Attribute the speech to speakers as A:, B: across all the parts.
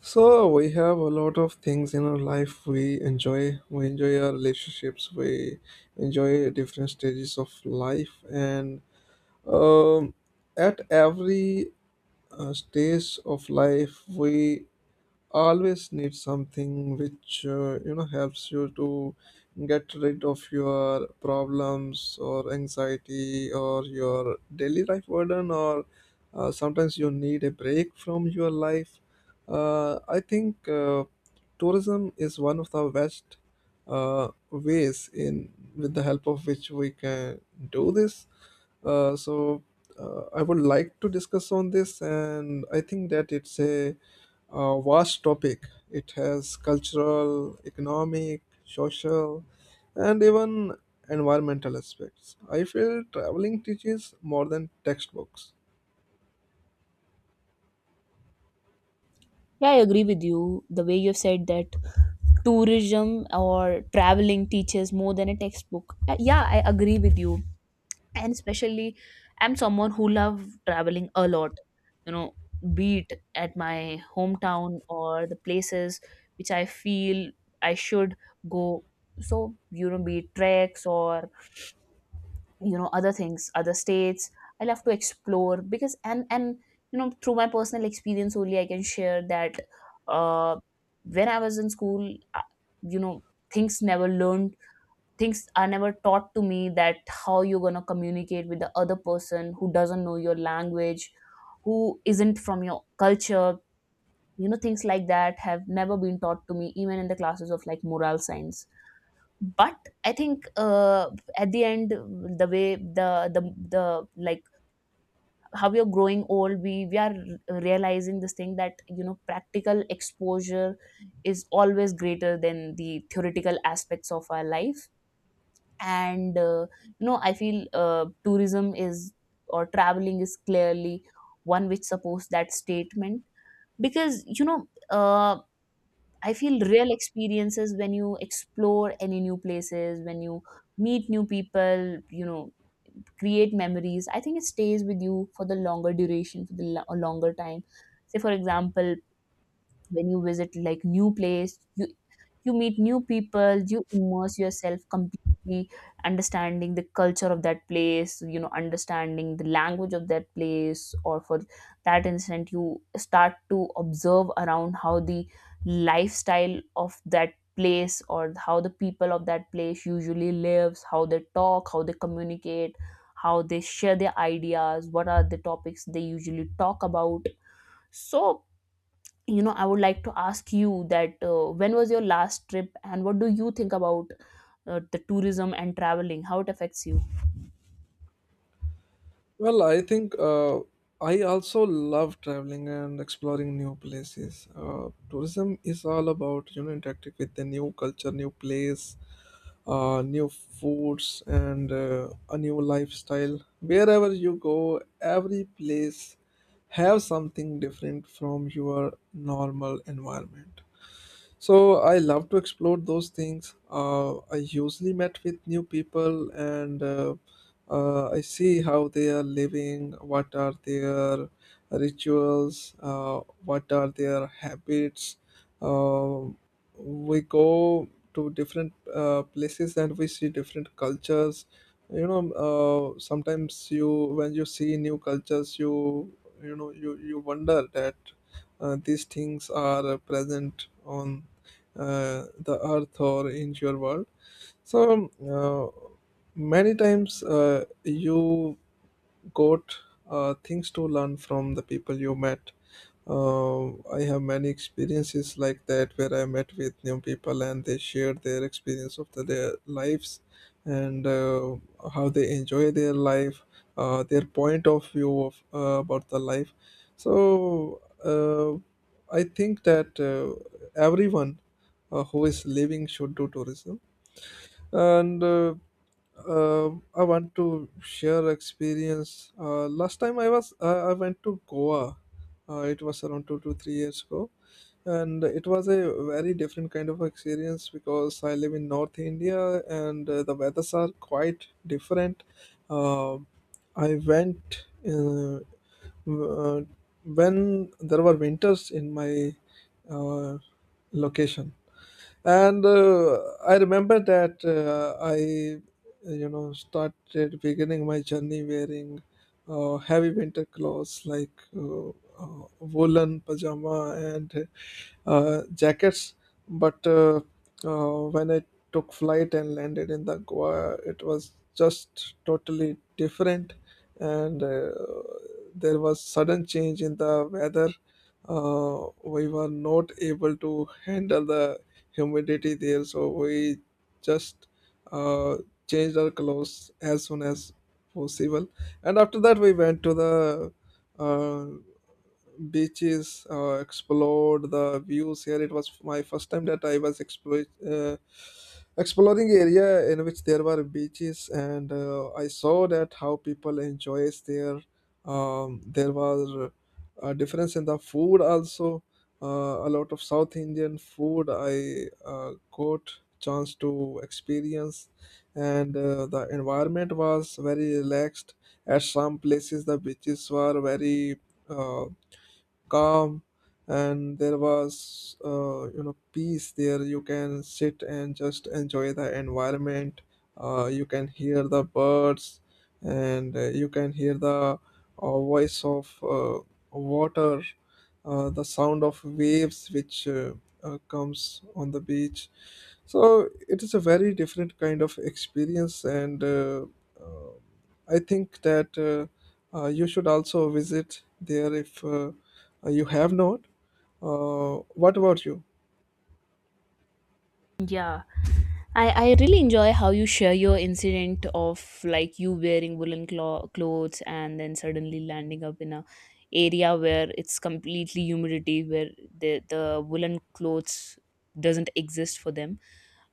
A: So we have a lot of things in our life we enjoy. We enjoy our relationships. We enjoy different stages of life, and um, at every stage of life, we always need something which you know helps you to get rid of your problems or anxiety or your daily life burden or sometimes you need a break from your life. I think tourism is one of the best ways in with the help of which we can do this. So I would like to discuss on this, and I think that it's a vast topic. It has cultural, economic, social, and even environmental aspects. I feel traveling teaches more than textbooks.
B: Yeah, I agree with you. The way you've said that tourism or traveling teaches more than a textbook. Yeah, I agree with you. And especially, I'm someone who love traveling a lot. You know, be it at my hometown or the places which I feel I should go. So, be it treks or other things, other states, I love to explore, because and you know through my personal experience only I can share that uh when I was in school. You know things never learned Things are never taught to me, that how you're going to communicate with the other person who doesn't know your language, who isn't from your culture. Things like that have never been taught to me, even in the classes of like moral science. But I think, at the end, the way the like how we are growing old, we are realizing this thing, that practical exposure is always greater than the theoretical aspects of our life. And I feel tourism is, or traveling is, clearly one which supports that statement. Because uh, I feel real experiences when you explore any new places, when you meet new people, create memories. I think it stays with you for the longer duration, for the a longer time. Say, for example, when you visit like new place, you meet new people, you immerse yourself completely, understanding the culture of that place, understanding the language of that place, or for that instant you start to observe around how the lifestyle of that place, or how the people of that place usually lives, how they talk, how they communicate, how they share their ideas, what are the topics they usually talk about. So, I would like to ask you that when was your last trip, and what do you think about the tourism and traveling, how it affects you?
A: Well, I think I also love traveling and exploring new places. Tourism is all about you know interacting with the new culture, new place, new foods, and a new lifestyle. Wherever you go, every place have something different from your normal environment, so I love to explore those things. I usually met with new people, and I see how they are living, what are their rituals, what are their habits. Um we go to different places and we see different cultures. You know, sometimes you, when you see new cultures, you know you you wonder that these things are present on the earth or into your world. so um, uh, Many times you quote things to learn from the people you met. uh, I have many experiences like that, where I met with new people and they shared their experience of the, their lives, and how they enjoy their life, their point of view of, about the life. so uh, I think that everyone who is living should do tourism. And uh, I want to share experience. Last time I was I went to Goa. It was around 2 to 3 years ago, and it was a very different kind of experience because I live in North India, and the weathers are quite different. Uh, I went w- uh, when there were winters in my uh, location, and I remember that I you know started beginning my journey wearing heavy winter clothes, like woolen pajama and jackets. But when I took flight and landed in the Goa, it was just totally different, and there was sudden change in the weather. We were not able to handle the humidity there, so we just uh, changed our clothes as soon as possible. And after that, we went to the uh, beaches, explored the views here. It was my first time that I was exploring area in which there were beaches, and I saw that how people enjoys there. There was a difference in the food also. A lot of South Indian food I got chance to experience, and the environment was very relaxed. At some places, the beaches were very uh, calm, and there was you know peace there. You can sit and just enjoy the environment. You can hear the birds, and you can hear the voice of water, the sound of waves which comes on the beach. So it is a very different kind of experience, and uh, I think that you should also visit there if you have not. What about you?
B: Yeah, I really enjoy how you share your incident of like you wearing woolen clothes, and then suddenly landing up in a area where it's completely humidity, where the woolen clothes doesn't exist for them.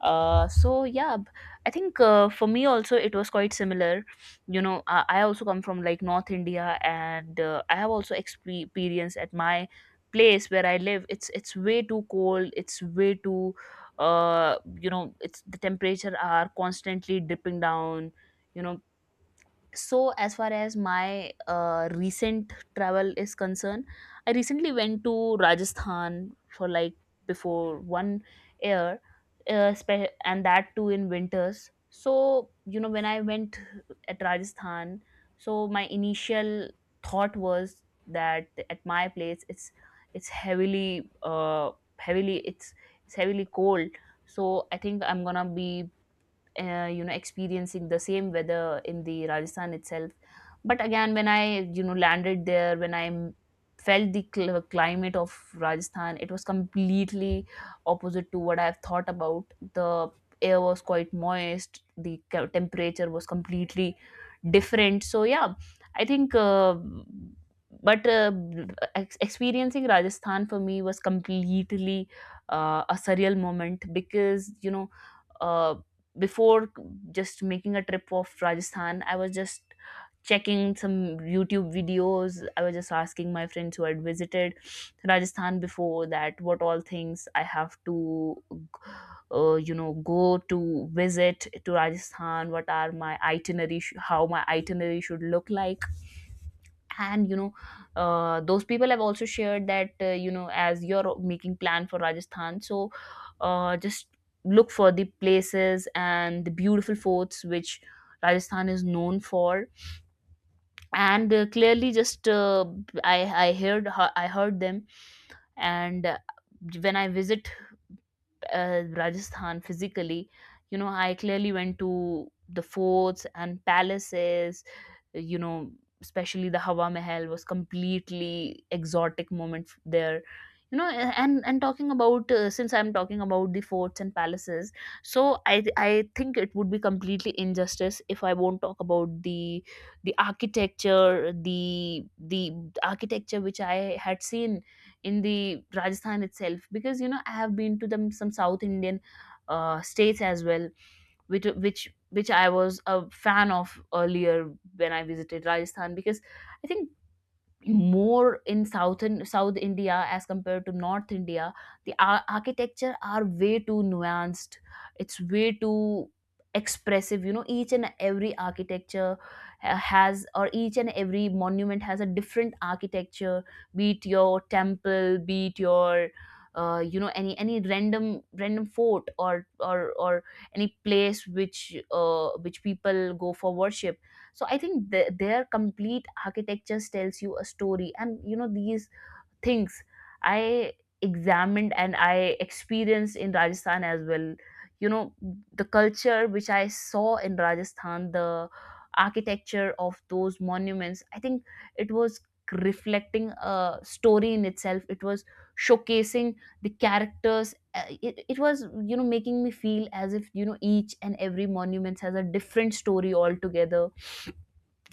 B: So yeah, I think for me also, it was quite similar. I also come from like North India, and I have also experienced, at my place where I live, it's way too cold, it's way too it's, the temperature are constantly dipping down. you know so, as far as my recent travel is concerned, I recently went to Rajasthan for like before one year, and that too in winters. So, when I went at Rajasthan, so my initial thought was that at my place, it's heavily uh, heavily it's it's heavily cold. So I think, I'm gonna be experiencing the same weather in the Rajasthan itself. But again, when I landed there, when I felt the climate of Rajasthan, it was completely opposite to what I've thought about. The air was quite moist, the temperature was completely different. So yeah, I think, but experiencing Rajasthan for me was completely a surreal moment, because uh, before just making a trip of Rajasthan, I was just checking some YouTube videos. I was just asking my friends who had visited Rajasthan before, that what all things I have to, go to visit to Rajasthan. What are my itinerary? How my itinerary should look like. And those people have also shared that as you're making plan for Rajasthan, so just look for the places and the beautiful forts which Rajasthan is known for. And clearly, just i i heard I heard them. And when I visit Rajasthan physically, I clearly went to the forts and palaces, you know, especially the Hawa Mahal was completely exotic moment there. And talking about since I'm talking about the forts and palaces, so I think it would be completely injustice if I won't talk about the architecture, the architecture which I had seen in the Rajasthan itself. Because I have been to them some South Indian states as well, which I was a fan of earlier when I visited Rajasthan. Because I think, more in southern South India as compared to North India, the architecture are way too nuanced, it's way too expressive. Each and every architecture has, or each and every monument has a different architecture, be it your temple, be it your any random fort or any place which people go for worship. So I think their complete architectures tells you a story, and these things, I examined and I experienced in Rajasthan as well. you know the culture which I saw in Rajasthan, the architecture of those monuments, I think it was reflecting a story in itself, it was showcasing the characters. It was making me feel as if each and every monument has a different story altogether.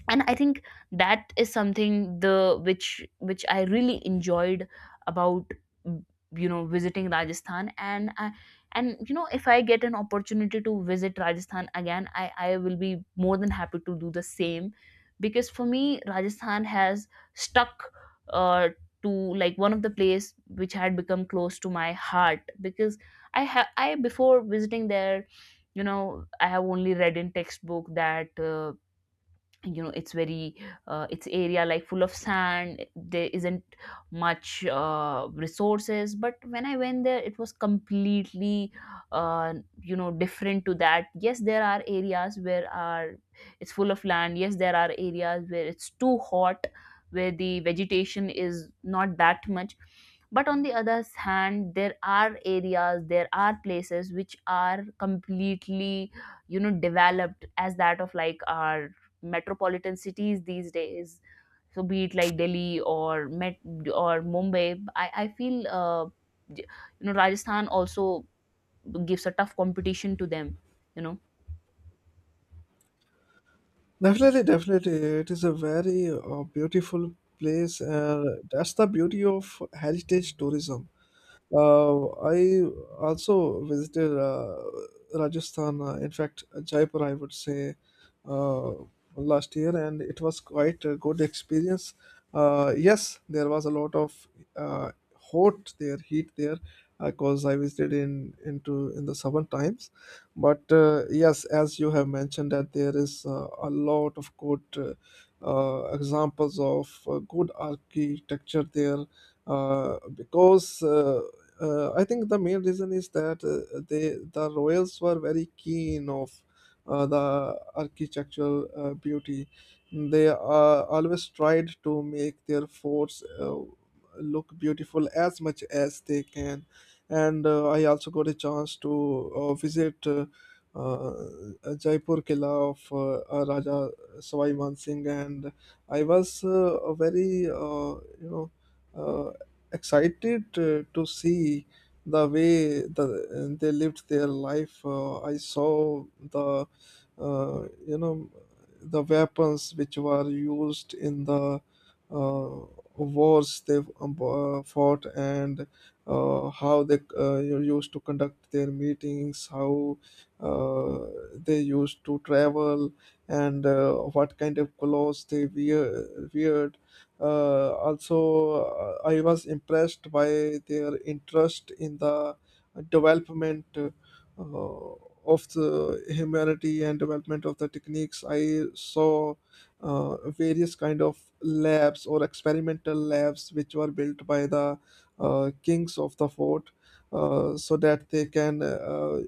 B: And I think that is something the which I really enjoyed about. mm, Visiting Rajasthan, and if I get an opportunity to visit Rajasthan again, I will be more than happy to do the same. Because for me, Rajasthan has stuck, uh, to like one of the place which had become close to my heart. Because I before visiting there, I have only read in textbook that it's very it's area like full of sand, there isn't much resources. But when I went there, it was completely uh, different to that. Yes, there are areas where are it's full of land, yes there are areas where it's too hot, where the vegetation is not that much. But on the other hand, there are areas, there are places which are completely developed as that of like our metropolitan cities these days. So, be it like Delhi, or met or Mumbai, I feel you Rajasthan also gives a tough competition to them. you know
A: Definitely, definitely. It is a very beautiful place, and that's the beauty of heritage tourism. I also visited Rajasthan, in fact, Jaipur, I would say, uh, last year, and it was quite a good experience. Yes, there was a lot of hot there, heat there, because I visited in into in the southern times. But yes, as you have mentioned, that there is a lot of good examples of good architecture there, because I think the main reason is that they, the royals were very keen of the architectural beauty. They always tried to make their forts look beautiful as much as they can. And I also got a chance to visit uh, Jaipur Killa of Raja Sawai Man Singh, and I was very you know. Uh, Excited to see the way the, they lived their life. I saw the, you know, the weapons which were used in the uh, wars they fought, and how they you used to conduct their meetings, how uh, they used to travel, and what kind of clothes they wear, weared. Also, I was impressed by their interest in the development of the humanity and development of the techniques. I saw various kind of labs or experimental labs which were built by the kings of the fort, so that they can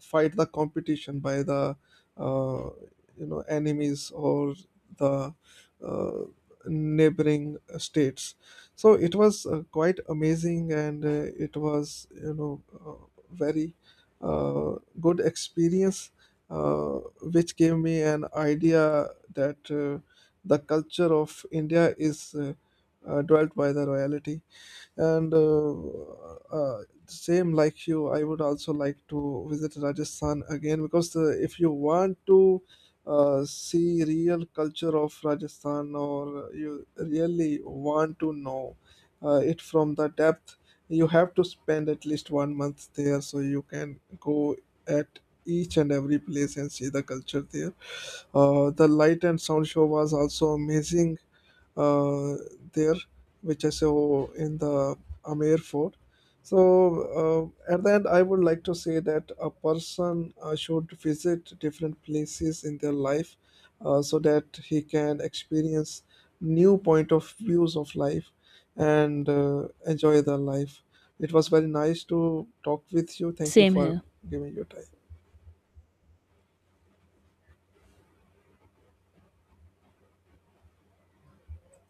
A: fight the competition by the uh, you know enemies or the uh, neighboring states. So it was quite amazing, and it was you know very uh, good experience, uh, which gave me an idea that the culture of India is dwelt by the royalty. And same like you, I would also like to visit Rajasthan again, because if you want to see real culture of Rajasthan, or you really want to know it from the depth, you have to spend at least 1 month there, so you can go at each and every place and see the culture there. The light and sound show was also amazing uh, there, which I saw in the Amir Fort. So, at the end, I would like to say that a person should visit different places in their life, so that he can experience new point of views of life, and enjoy their life. It was very nice to talk with you. Thank you
B: Same
A: for
B: here.
A: giving your time.